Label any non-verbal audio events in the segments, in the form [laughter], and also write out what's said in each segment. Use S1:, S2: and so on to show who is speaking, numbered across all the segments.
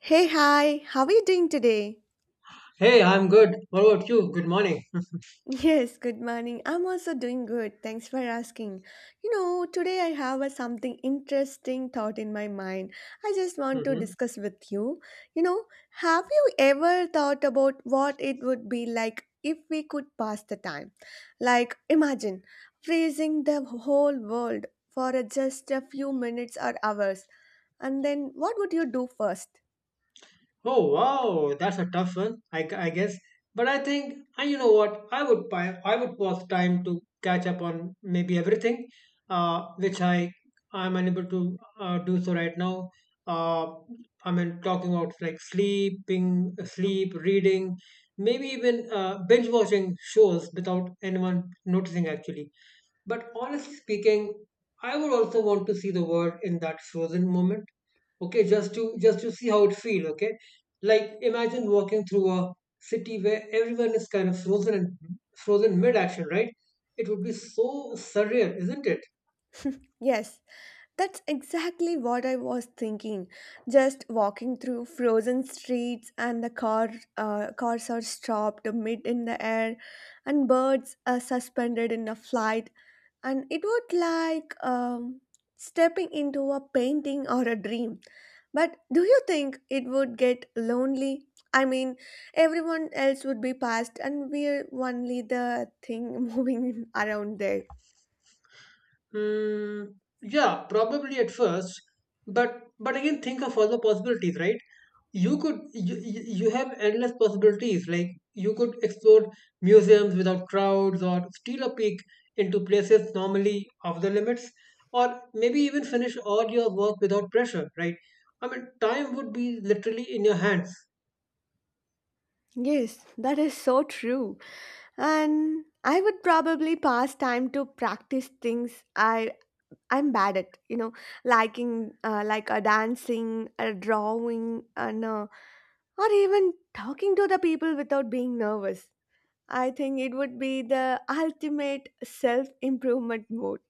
S1: Hey, hi, how are you doing today?
S2: Hey, I'm good. What about you? Good morning.
S1: Yes, good morning. I'm also doing good. Thanks for asking. Today I have a something interesting thought in my mind. I just want to
S2: hmm
S1: discuss with you. You know, have you ever thought about what it would be like if we could pass the time? Like, imagine freezing the whole world for just a few minutes or hours, and then what would you do first?
S2: Oh, wow, that's a tough one, I guess. But I think, and you know what? I would pause time to catch up on maybe everything, which I'm unable to do so right now. Uh, I mean, talking about like sleep, reading, maybe even binge watching shows without anyone noticing actually. But honestly speaking, I would also want to see the world in that frozen moment. Okay, just to see how it feels. Okay, like imagine walking through a city where everyone is kind of frozen mid-action, right? It would be so surreal, isn't it?
S1: Yes. That's exactly what I was thinking. Just walking through frozen streets, and the cars are stopped mid in the air, and birds are suspended in a flight, and it would like stepping into a painting or a dream. But do you think it would get lonely? I mean, everyone else would be past, and we're only the thing [laughs] moving around there.
S2: Hmm. Yeah, probably at first, but again, think of all the possibilities, right? You you have endless possibilities, like you could explore museums without crowds or steal a peek into places normally off the limits, or maybe even finish all your work without pressure, right? I mean, time would be literally in your hands.
S1: Yes, that is so true. And I would probably pass time to practice things I'm bad at. Liking Like a dancing a drawing and or even talking to the people without being nervous. I think it would be the ultimate self improvement mode.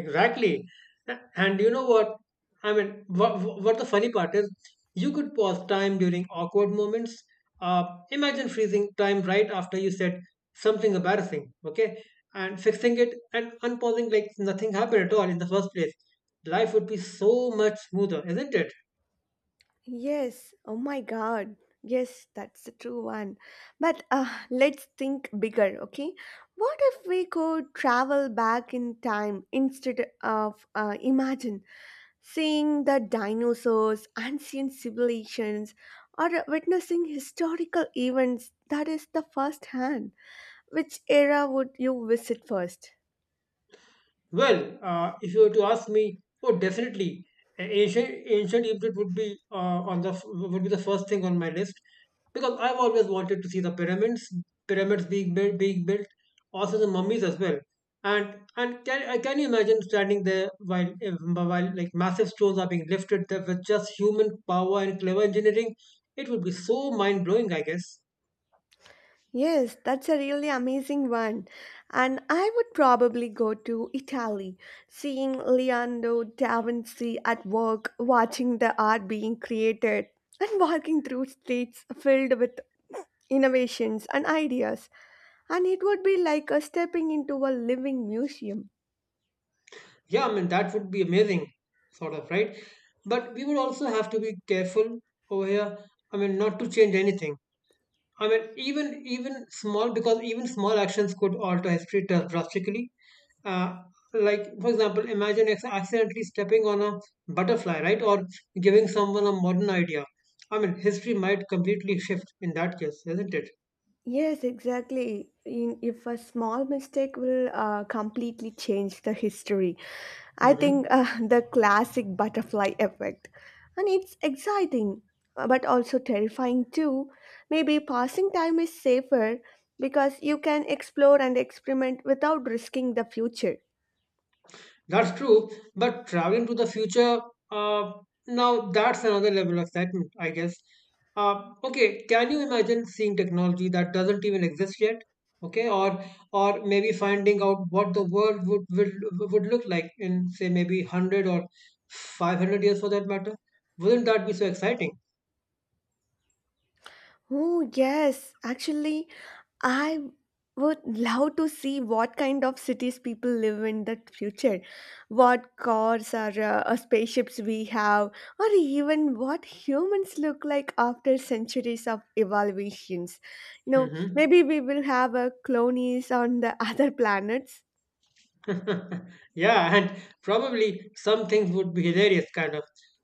S2: Exactly. And you know what? I mean, what the funny part is, you could pause time during awkward moments. Uh, Imagine freezing time right after you said something embarrassing, okay? And fixing it and unpausing like nothing happened at all in the first place. Life would be so much smoother, isn't it?
S1: Yes, oh my god. Yes, that's the true one. But let's think bigger, okay? What if we could travel back in time instead of imagine seeing the dinosaurs, ancient civilizations, or witnessing historical events that is the first hand. Which era would you visit first?
S2: Well, if you were to ask me, oh, definitely, ancient Egypt would be would be the first thing on my list, because I've always wanted to see pyramids being being built, also the mummies as well. And can you imagine standing there while like massive stones are being lifted there with just human power and clever engineering? It would be so mind blowing, I guess.
S1: Yes, that's a really amazing one. And I would probably go to Italy, seeing Leonardo da Vinci at work, watching the art being created, and walking through streets filled with innovations and ideas. And it would be like a stepping into a living museum.
S2: Yeah, I mean, that would be amazing, sort of, right? But we would also have to be careful over here. I mean, not to change anything. I mean, even small, because even small actions could alter history drastically. Uh, like, for example, imagine accidentally stepping on a butterfly, right? Or giving someone a modern idea. I mean, history might completely shift in that case, isn't it?
S1: Yes, exactly. In, if a small mistake will completely change the history, I
S2: hmm
S1: think [laughs] the classic butterfly effect. And it's exciting, but also terrifying too. Maybe passing time is safer because you can explore and experiment without risking the future.
S2: That's true, but traveling to the future, uh, now that's another level of excitement, I guess. Okay, can you imagine seeing technology that doesn't even exist yet? Okay, or maybe finding out what the world would look like in say maybe 100 or 500 years for that matter. Wouldn't that be so exciting?
S1: Oh, yes. Actually, I would love to see what kind of cities people live in the future, what cars or spaceships we have, or even what humans look like after centuries of evolutions. You know,
S2: Mm-hmm.
S1: maybe we will have colonies on the [laughs] other planets.
S2: [laughs] Yeah, and probably some things would be hilarious, kind of.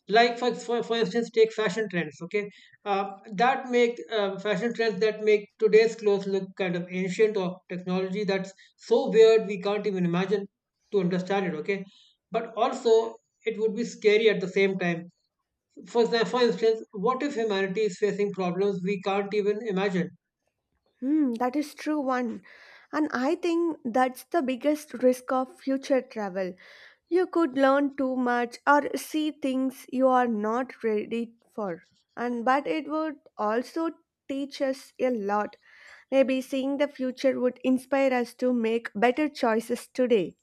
S2: Like for instance, take fashion trends. Okay, uh, that make fashion trends that make today's clothes look kind of ancient, or technology that's so weird we can't even imagine to understand it. Okay, but also it would be scary at the same time. For instance, what if humanity is facing problems we can't even imagine?
S1: Hmm, that is true one. And I think that's the biggest risk of future travel. You could learn too much or see things you are not ready for. And but it would also teach us a lot. Maybe seeing the future would inspire us to make better choices today.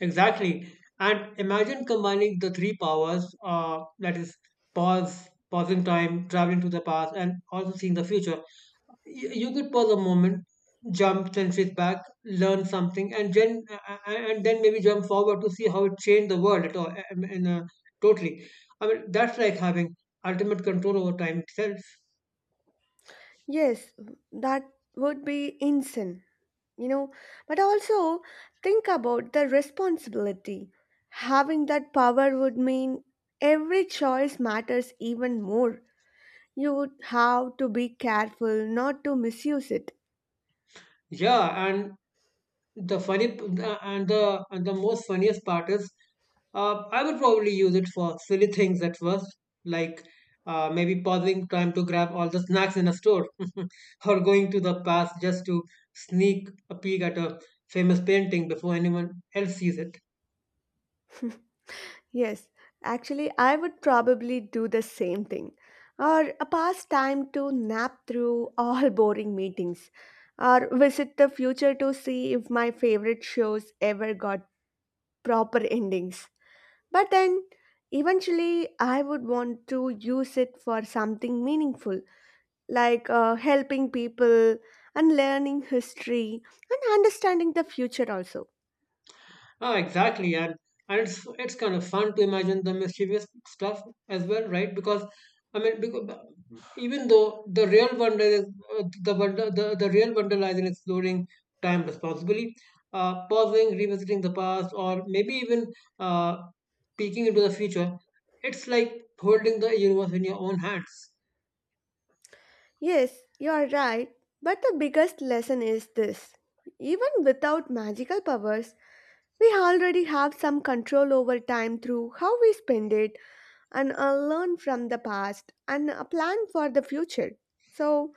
S2: Exactly. And imagine combining the three powers, that is pausing time, traveling to the past, and also seeing the future. You could pause a moment, jump centuries back, learn something, and then and then maybe jump forward to see how it changed the world at all. I mean, totally. I mean, that's like having ultimate control over time itself.
S1: Yes, that would be insane, you know. But also think about the responsibility. Having that power would mean every choice matters even more. You would have to be careful not to misuse it.
S2: Yeah, and the and the most funniest part is, I would probably use it for silly things at first, like maybe pausing time to grab all the snacks in a store, [laughs] or going to the past just to sneak a peek at a famous painting before anyone else sees it.
S1: Yes, actually, I would probably do the same thing or a pastime to nap through all [laughs] boring meetings or visit the future to see if my favorite shows ever got proper endings. But then eventually, I would want to use it for something meaningful like helping people and learning history and understanding the future also.
S2: Oh, exactly, and it's kind of fun to imagine the mischievous stuff as well, right? Because, even though the real wonder is the wonder, the real wonder lies in exploring time responsibly, pausing, revisiting the past, or maybe even uh, peeking into the future. It's like holding the universe in your own hands.
S1: Yes, you are right. But the biggest lesson is this. Even without magical powers, we already have some control over time through how we spend it and learn from the past and plan for the future. So,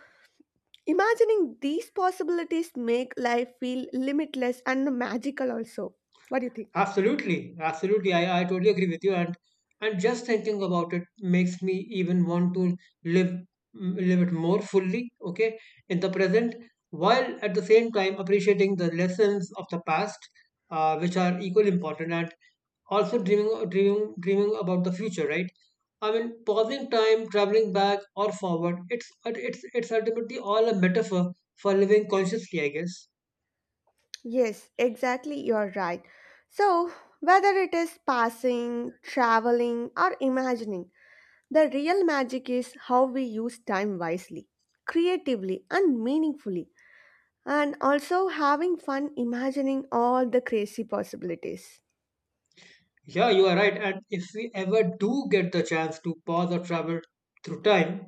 S1: imagining these possibilities make life feel limitless and magical also. What do you think?
S2: Absolutely. I totally agree with you, and just thinking about it makes me even want to live live it more fully. Okay, in the present, while at the same time appreciating the lessons of the past, which are equally important, and also dreaming about the future. Right. I mean, pausing time, traveling back or forward. It's ultimately all a metaphor for living consciously, I guess.
S1: Yes, exactly, you're right. So, whether it is passing, traveling, or imagining, the real magic is how we use time wisely, creatively, and meaningfully, and also having fun imagining all the crazy possibilities.
S2: Yeah, you are right. And if we ever do get the chance to pause or travel through time,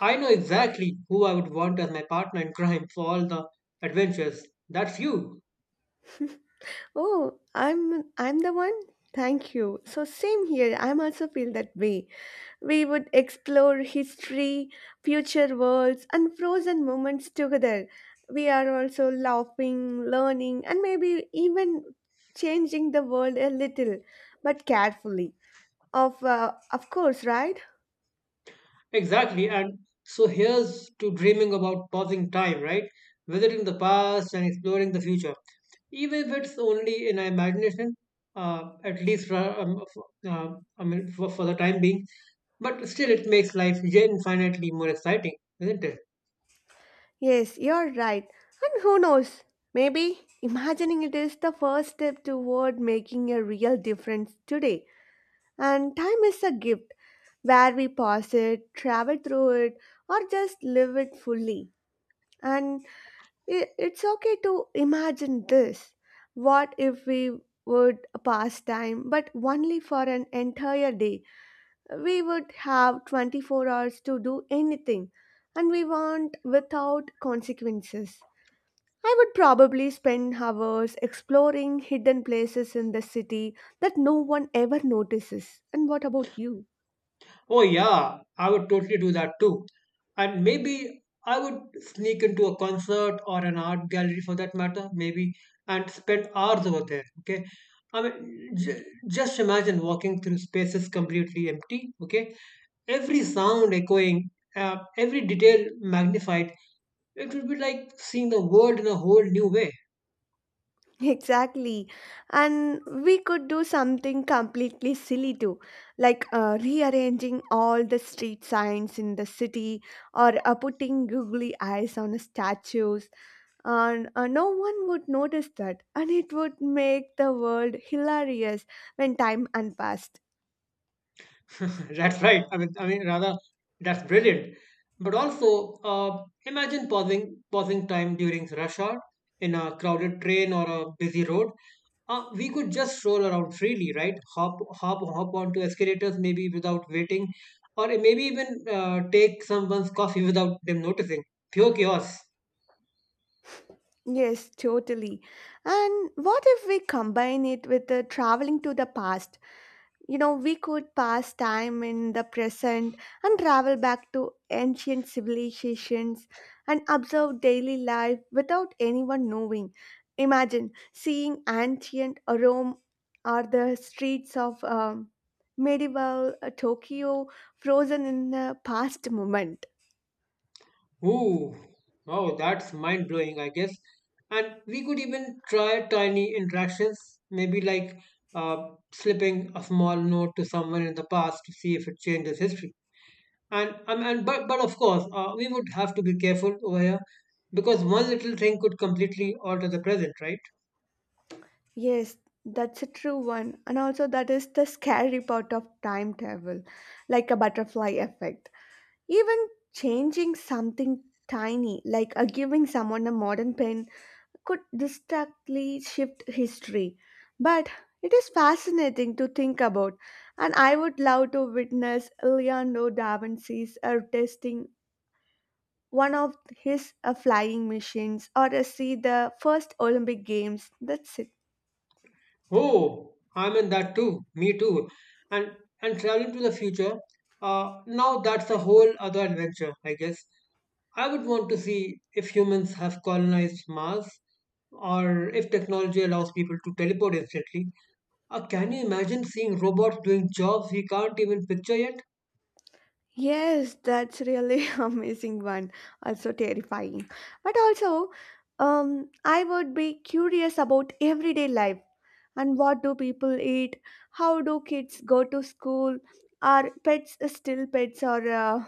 S2: I know exactly who I would want as my partner in crime for all the adventures. That's you.
S1: Oh, I'm the one. Thank you. So same here. I'm also feel that way. We would explore history, future worlds, and frozen moments together. We are also laughing, learning, and maybe even changing the world a little, but carefully. Of course, right?
S2: Exactly. And so here's to dreaming about pausing time, right? Visiting the past and exploring the future. Even if it's only in our imagination, at least for, I mean, for the time being, but still it makes life infinitely more exciting, isn't it?
S1: Yes, you're right. And who knows? Maybe imagining it is the first step toward making a real difference today. And time is a gift where we pass it, travel through it, or just live it fully. And it's okay to imagine this. What if we would pass time, but only for an entire day? We would have 24 hours to do anything and we want without consequences. I would probably spend hours exploring hidden places in the city that no one ever notices. And what about you? [laughs]
S2: Oh, yeah, I would totally do that too. And maybe I would sneak into a concert or an art gallery for that matter, maybe, and spend hours over there. Okay. I mean, just imagine walking through spaces completely empty. Okay. Every sound echoing, every detail magnified. It would be like seeing the world in a whole new way.
S1: Exactly. And we could do something completely silly too, like rearranging all the street signs in the city or putting googly eyes on statues and no one would notice that, and it would make the world hilarious when time unpassed.
S2: [laughs] That's right. I mean, rather, that's brilliant. But also, imagine pausing time during rush hour in a crowded train or a busy road. We could just stroll around freely, right? Hop onto escalators, maybe without waiting, or maybe even take someone's coffee [laughs] without them noticing. Pure chaos.
S1: Yes, totally. And what if we combine it with the traveling to the past? You know, we could pass time in the present and travel back to ancient civilizations and observe daily life without anyone knowing. Imagine seeing ancient Rome or the streets of medieval Tokyo frozen in a past moment.
S2: Ooh, wow, that's mind blowing, I guess. And we could even try tiny interactions, maybe like uh, slipping a small note to someone in the past to see if it changes history. And But of course, we would have to be careful over here, because one little thing could completely alter the present, right?
S1: Yes, that's a true one. And also, that is the scary part of time travel, like a butterfly effect. Even changing something tiny, like giving someone a modern pen, could distinctly shift history. But it is fascinating to think about, and I would love to witness Leonardo da Vinci's testing one of his flying machines or see the first Olympic Games. That's it.
S2: Oh, I'm in that too. Me too. And traveling to the future. Now that's a whole other adventure, I guess. I would want to see if humans have colonized Mars, or if technology allows people to teleport instantly. Or can you imagine seeing robots doing jobs we can't even picture yet?
S1: Yes, that's really [laughs] amazing one. Also terrifying. But also, I would be curious about everyday life, and what do people eat, how do kids go to school, are pets still pets, or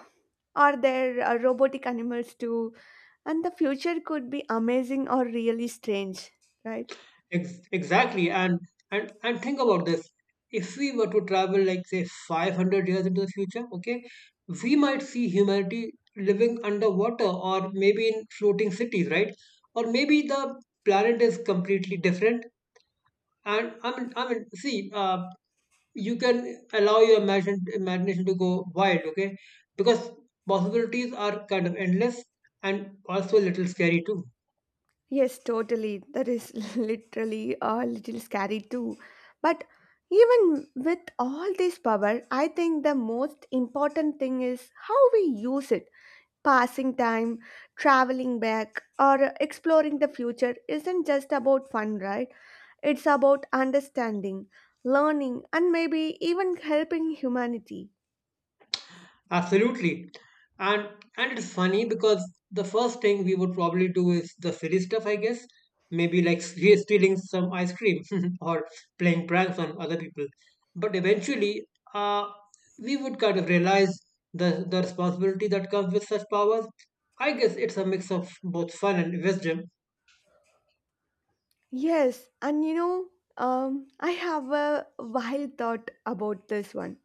S1: are there robotic animals too, and the future could be amazing or really strange, right?
S2: Exactly, and think about this. If we were to travel, like say, 500 years into the future, okay, we might see humanity living underwater, or maybe in floating cities, right? Or maybe the planet is completely different. And I mean, see, you can allow your imagination to go wild. Okay, because possibilities are kind of endless, and also a little scary too.
S1: Yes, totally, that is [laughs] literally a little scary too. But even with all this power, I think the most important thing is how we use it. Passing time, traveling back, or exploring the future isn't just about fun, right? It's about understanding, learning, and maybe even helping humanity.
S2: Absolutely. And it's funny because the first thing we would probably do is the silly stuff, I guess, maybe like stealing some ice cream [laughs] or playing pranks on other people. But eventually, uh, we would kind of realize the responsibility that comes with such powers. I guess it's a mix of both fun and wisdom.
S1: Yes, and you know, I have a wild thought about this one.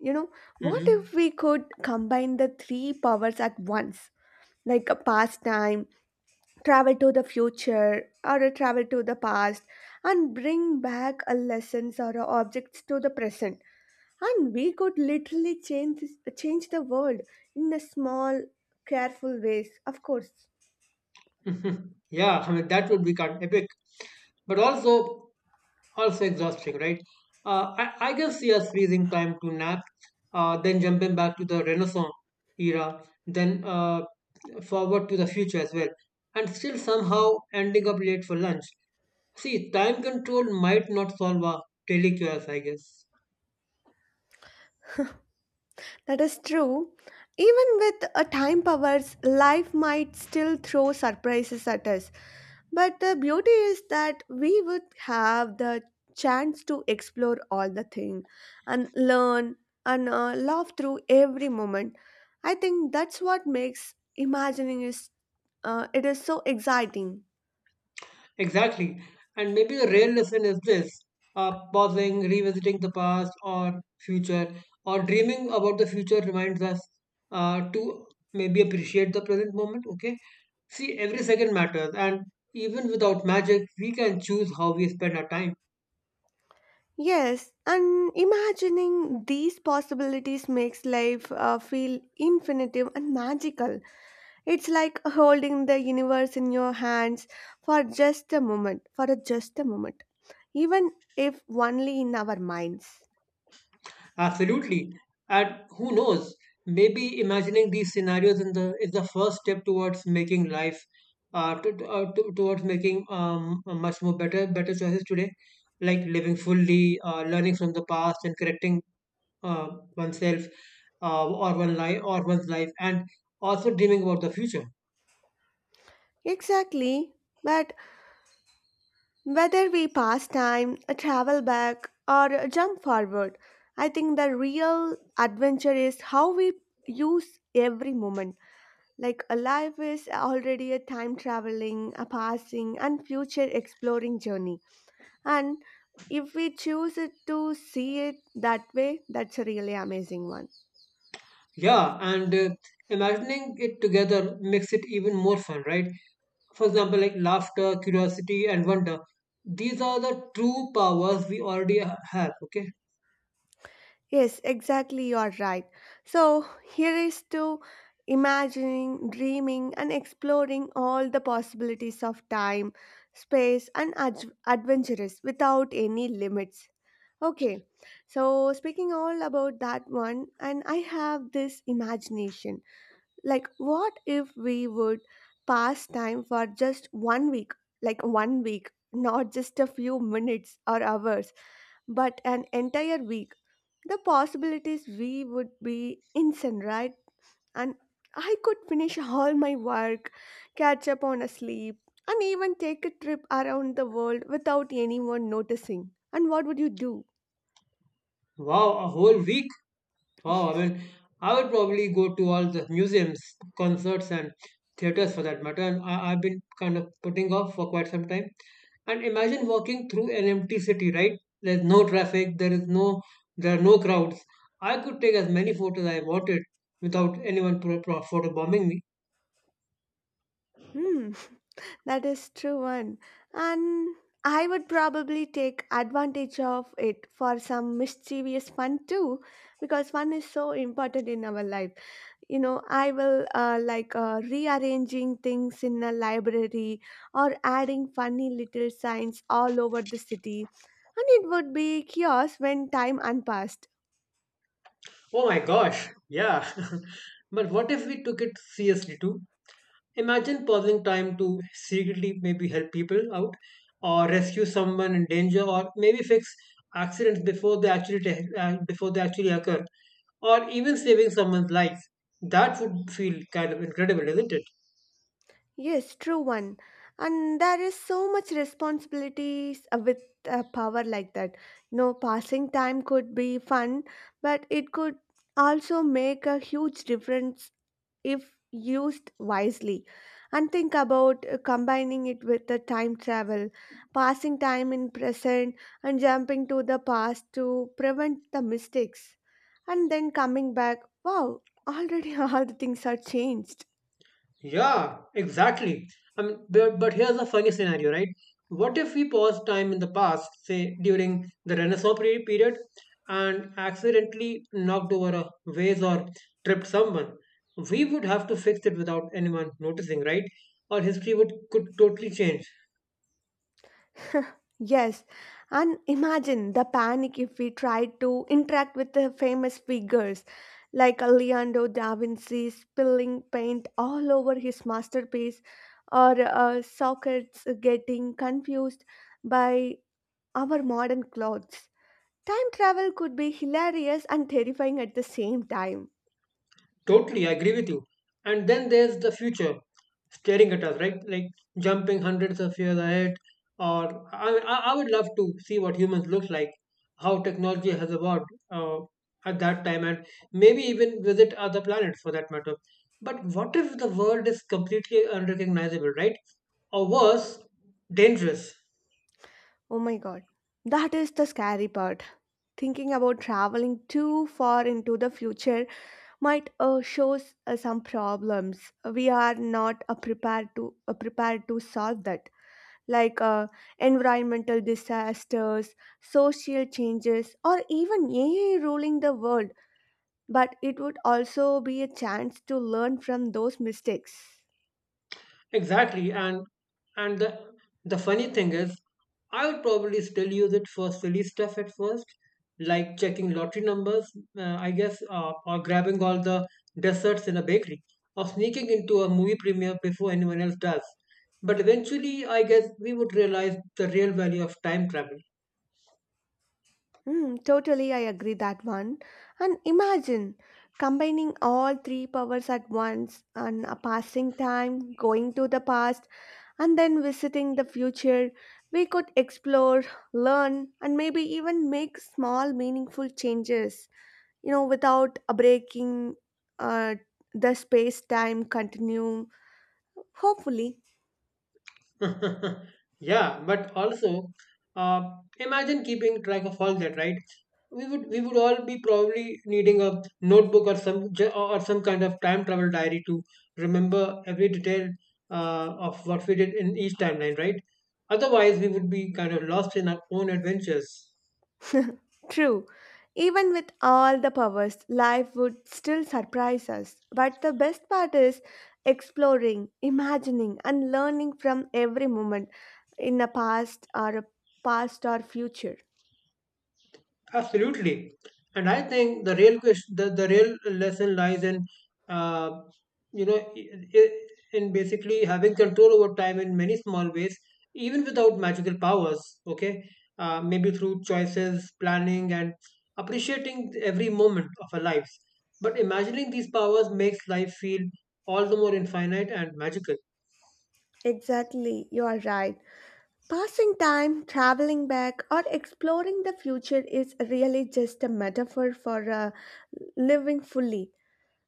S1: You know, what if
S2: hmm
S1: we could combine the three powers at once? Like a pastime, travel to the future, or a travel to the past, and bring back a lessons or a objects to the present. And we could literally change the world in a small, careful ways. Of course,
S2: [laughs] yeah, I mean, that would be kind of epic, but also exhausting, right? I guess yes, freezing time to nap, then jumping back to the Renaissance era, then forward to the future as well, and still somehow ending up late for lunch. See, time control might not solve our daily chaos, I guess.
S1: that is true. Even with a time powers, life might still throw surprises at us. But the beauty is that we would have the chance to explore all the thing and learn and laugh through every moment. I think that's what makes imagining is it is so exciting.
S2: Exactly. And maybe the real lesson is this: pausing, revisiting the past or future, or dreaming about the future reminds us to maybe appreciate the present moment. Okay. See, every second matters. And even without magic, we can choose how we spend our time.
S1: Yes, and imagining these possibilities makes life feel infinitive and magical. It's like holding the universe in your hands for just a moment, for just a moment, even if only in our minds.
S2: Absolutely. And who knows, maybe imagining these scenarios in the is the first step towards making life, towards making a much more better choices today, like living fully, learning from the past, and correcting uh, oneself, or one life or one's life, and also dreaming about the future.
S1: Exactly, but whether we pass time, travel back, or jump forward, I think the real adventure is how we use every moment. Like a life is already a time traveling, a passing, and future exploring journey. And if we choose it to see it that way, that's a really amazing one.
S2: Yeah, and imagining it together makes it even more fun, right? For example, like laughter, curiosity, and wonder. These are the true powers we already have. Okay.
S1: Yes, exactly, you are right. So here is to imagining, dreaming, and exploring all the possibilities of time, space, and adventurous without any limits. Okay, so speaking all about that one, and I have this imagination. Like, what if we would pass time for just 1 week? Like, 1 week, not just a few minutes or hours, but an entire week. The possibilities we would be insane, right? And I could finish all my work, catch up on a sleep, and even take a trip around the world without anyone noticing. And what would you do?
S2: Wow, a whole week. Oh,
S1: [laughs]
S2: I mean, I would probably go to all the museums, concerts, and theaters for that matter. I've been kind of putting off for quite some time. And imagine walking through an empty city, right? There's no traffic, there is no, There are no crowds. I could take as many photos I wanted without anyone photo bombing me.
S1: Hmm. That is true one. And I would probably take advantage of it for some mischievous fun too, because fun is so important in our life. You know, I will like rearranging things in a library or adding funny little signs all over the city. And it would be chaos when time unpassed.
S2: Oh my gosh, yeah. [laughs] But what if we took it seriously too? Imagine pausing time to secretly maybe help people out or rescue someone in danger or maybe fix accidents before they actually before they actually occur or even saving someone's life. That would feel kind of incredible, isn't it?
S1: Yes, true one. And there is so much responsibilities with a power like that. You know, passing time could be fun, but it could also make a huge difference if used wisely. And think about combining it with the time travel, passing time in present and jumping to the past to prevent the mistakes. And then coming back, wow, already [laughs] all the things are changed.
S2: Yeah, exactly. I mean, but here's a funny scenario, right? What if we pause time in the past, say during the period, and accidentally knocked over a vase or tripped someone? We would have to fix it without anyone noticing, right? Or history would could totally change.
S1: Yes, and imagine the panic if we tried to interact with the famous figures like Leonardo da Vinci spilling paint all over his masterpiece or Socrates getting confused by our modern clothes. Time travel could be hilarious and terrifying at the same time.
S2: Totally, I agree with you. And then there's the future staring at us, right? Like jumping hundreds of years ahead. Or I would love to see what humans look like, how technology has evolved at that time, and maybe even visit other planets for that matter. But what if the world is completely unrecognizable, right? Or worse, dangerous?
S1: Oh my god, that is the scary part. Thinking about traveling too far into the future might shows some problems we are not prepared to solve that like environmental disasters, social changes, or even ai ruling the world, but it would also be a chance to learn from those mistakes.
S2: Exactly, and the funny thing is, I would probably still use it for silly stuff at first, like checking lottery numbers, or grabbing all the desserts in a bakery, or sneaking into a movie premiere before anyone else does. But eventually, I guess we would realize the real value of time travel.
S1: Hmm, totally, I agree that one. And imagine combining all three powers at once and passing time, going to the past. And then visiting the future, we could explore, learn, and maybe even make small, meaningful changes, without breaking uh, the space time continuum. Hopefully,
S2: [laughs] Yeah, but also, uh, imagine keeping track of all that, right? We would all be probably needing a notebook or some kind of time travel diary to remember every detail of what we did in each timeline, right? Otherwise, we would be kind of lost in our own adventures.
S1: true. Even with all the powers, life would still surprise us. But the best part is exploring, imagining, and learning from every moment in the past or future.
S2: Absolutely. And I think the real question, the real lesson lies in, uh, you know, i- i- in basically having control over time in many small ways, even without magical powers. Okay. Maybe through choices, planning, and appreciating every moment of our lives. But imagining these powers makes life feel all the more infinite and magical.
S1: Exactly, you are right. Passing time, traveling back, or exploring the future is really just a metaphor for living fully,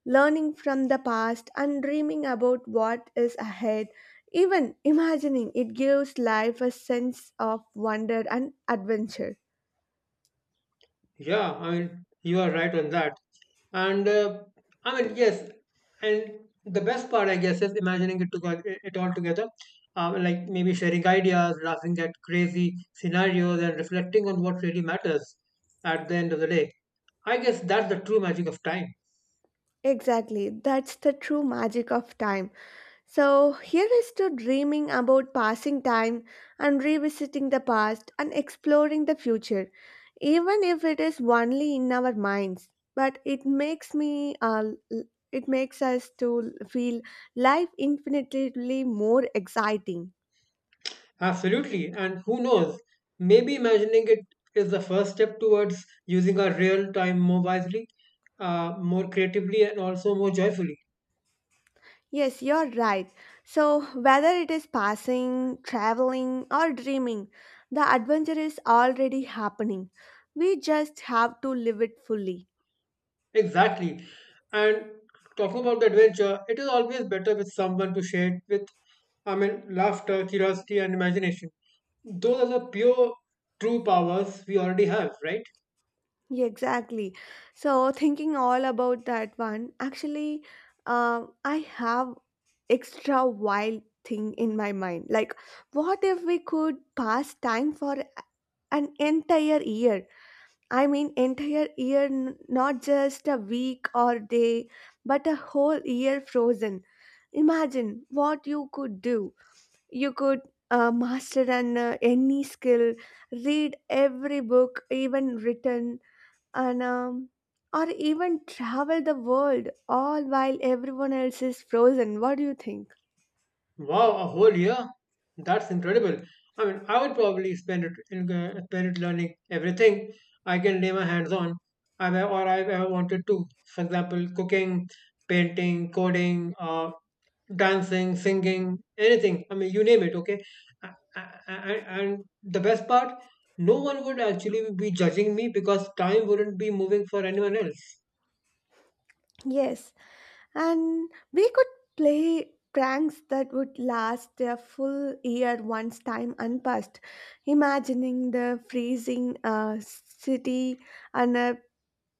S1: learning from the past, and dreaming about what is ahead. Even imagining it gives life a sense of wonder and adventure.
S2: Yeah, I mean, you are right on that. And I mean, yes, and the best part, I guess, is imagining it, to, it all together. Like maybe sharing ideas, laughing at crazy scenarios, and reflecting on what really matters at the end of the day. I guess that's the true magic of time.
S1: Exactly, that's the true magic of time. So here is to dreaming about passing time and revisiting the past and exploring the future, even if it is only in our minds. But it makes us to feel life infinitely more exciting.
S2: Absolutely. And who knows? Maybe imagining it is the first step towards using our real time more wisely, more creatively, and also more joyfully.
S1: Yes, you're right. So whether it is passing, traveling, or dreaming, the adventure is already happening. We just have to live it fully.
S2: Exactly. And talking about the adventure, it is always better with someone to share it with. I mean, laughter, curiosity, and imagination. Those are the pure, true powers we already have, right?
S1: Yeah, exactly. So thinking all about that one, actually, I have extra wild thing in my mind. Like, what if we could pass time for an entire year? I mean, entire year, not just a week or day, but a whole year frozen. Imagine what you could do. You could master an any skill, read every book, even written, and or even travel the world all while everyone else is frozen. What do you think?
S2: Wow, a whole year? That's incredible. I mean, I would probably spend it learning everything I can lay my hands on, I've ever wanted to. For example, cooking, painting, coding, dancing, singing, anything. I mean, you name it, okay? And the best part, no one would actually be judging me because time wouldn't be moving for anyone else.
S1: Yes, and we could play pranks that would last a full year once time unpassed. Imagining the freezing city and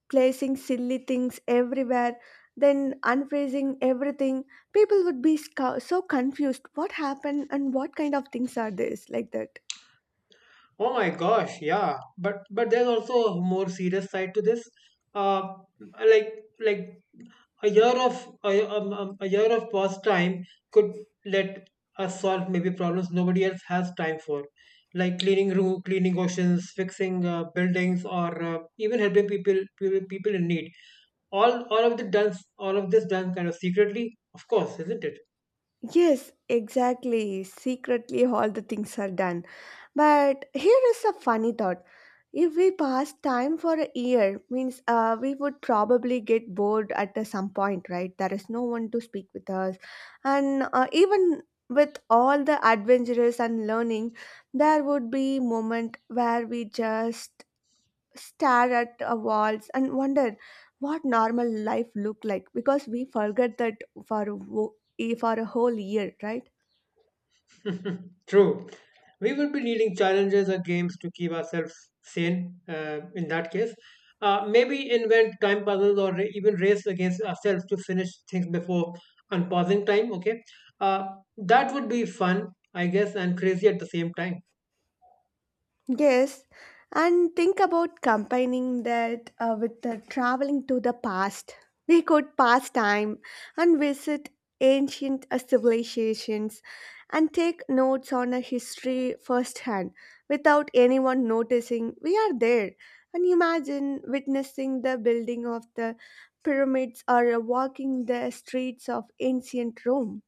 S1: placing silly things everywhere, then unfreezing everything. People would be so confused. What happened and what kind of things are this like that?
S2: Oh my gosh, yeah. But there's also a more serious side to this. Uh, like like a a year of pause time could let us solve maybe problems nobody else has time for, like cleaning room, cleaning oceans, fixing buildings, or even helping people, people in need. All of this done kind of secretly, of course, isn't it?
S1: Yes, exactly. Secretly, all the things are done. But here is a funny thought. If we pass time for a year, means we would probably get bored at some point, right? There is no one to speak with us. And even with all the adventures and learning, there would be moment where we just stare at our walls and wonder what normal life looked like because we forget that for, for a whole year, right?
S2: [laughs] True. We would be needing challenges or games to keep ourselves sane in that case. Maybe invent time puzzles or even race against ourselves to finish things before unpausing time. Okay. Uh, that would be fun, I guess, and crazy at the same time.
S1: Yes, and think about combining that with the traveling to the past. We could pass time and visit ancient civilizations and take notes on a history firsthand without anyone noticing we are there. And imagine witnessing the building of the pyramids or walking the streets of ancient Rome.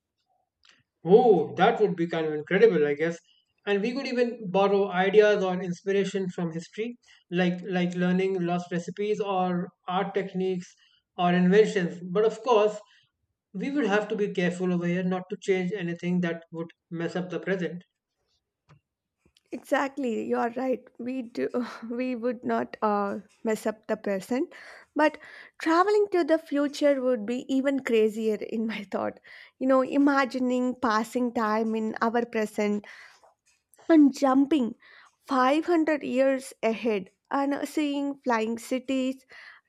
S2: Oh, that would be kind of incredible, I guess. And we could even borrow ideas or inspiration from history, like learning lost recipes or art techniques or inventions. But of course, we would have to be careful over here not to change anything that would mess up the present.
S1: Exactly, you are right. We do, [laughs] we would not mess up the present, but traveling to the future would be even crazier [laughs] in my thought. You know, imagining passing time in our present and jumping 500 years ahead and seeing flying cities,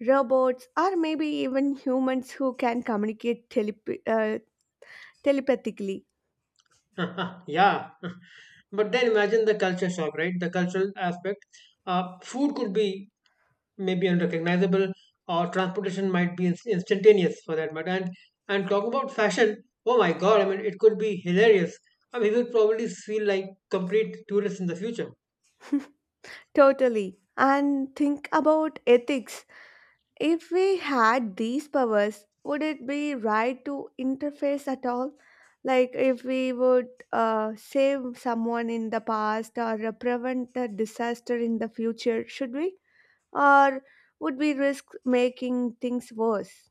S1: robots, or maybe even humans who can communicate telepathically.
S2: [laughs] Yeah. [laughs] But then imagine the culture shock, right? The cultural aspect. Food could be may be unrecognizable or transportation might be instantaneous for that matter, and talking about fashion, oh my god, I mean it could be hilarious. I mean we would probably feel like complete tourists in the future.
S1: Totally. And think about ethics. If we had these powers, would it be right to interface at all? Like if we would save someone in the past or prevent a disaster in the future, should we? Or would we risk making things worse?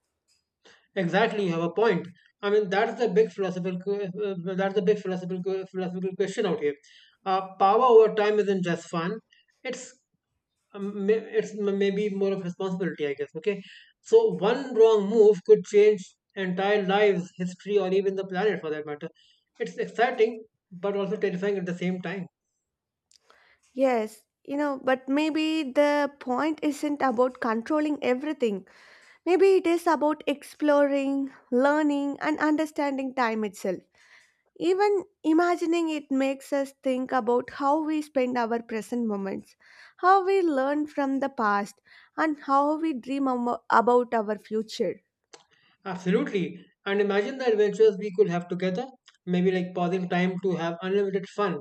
S2: Exactly, you have a point. I mean that's the big philosophical, philosophical question out here. Power over time isn't just fun, it's maybe more of responsibility, I guess. Okay, so one wrong move could change entire lives, history, or even the planet for that matter. It's exciting, but also terrifying at the same time.
S1: Yes, you know, but maybe the point isn't about controlling everything. Maybe it is about exploring, learning, and understanding time itself. Even imagining it makes us think about how we spend our present moments, how we learn from the past, and how we dream about our future.
S2: Absolutely, and imagine the adventures we could have together. Maybe like pausing time to have unlimited fun,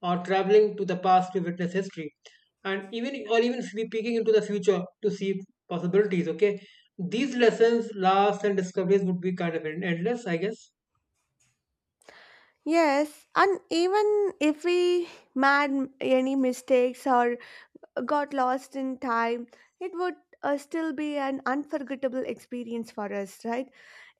S2: or traveling to the past to witness history, and even be peeking into the future to see possibilities. Okay, these lessons, laughs, and discoveries would be kind of endless, I guess.
S1: Yes, and even if we made any mistakes or got lost in time, it would still be an unforgettable experience for us, right?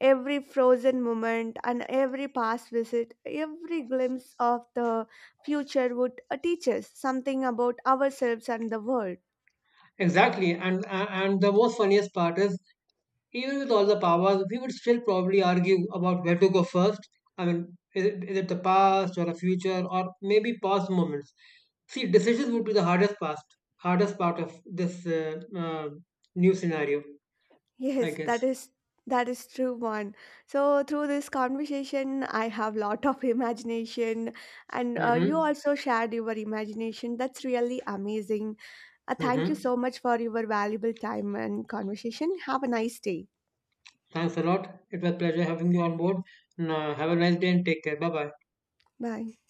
S1: Every frozen moment and every past visit, every glimpse of the future would teach us something about ourselves and the world. [laughs]
S2: Exactly, and the most funniest part is even with all the powers, we would still probably argue about where to go first. I mean, is it the past or the future or maybe past moments? See, decisions would be the hardest part of this new scenario, I
S1: Yes,
S2: guess.
S1: that is true one. So through this conversation, I have lot of imagination, and you
S2: Mm-hmm.
S1: also shared your imagination. That's really amazing. Thank you
S2: Mm-hmm.
S1: so much for your valuable time and conversation. Have a nice day.
S2: Thanks a lot. It was a pleasure having you on board. Now, have a nice day and take care. Bye bye.
S1: Bye.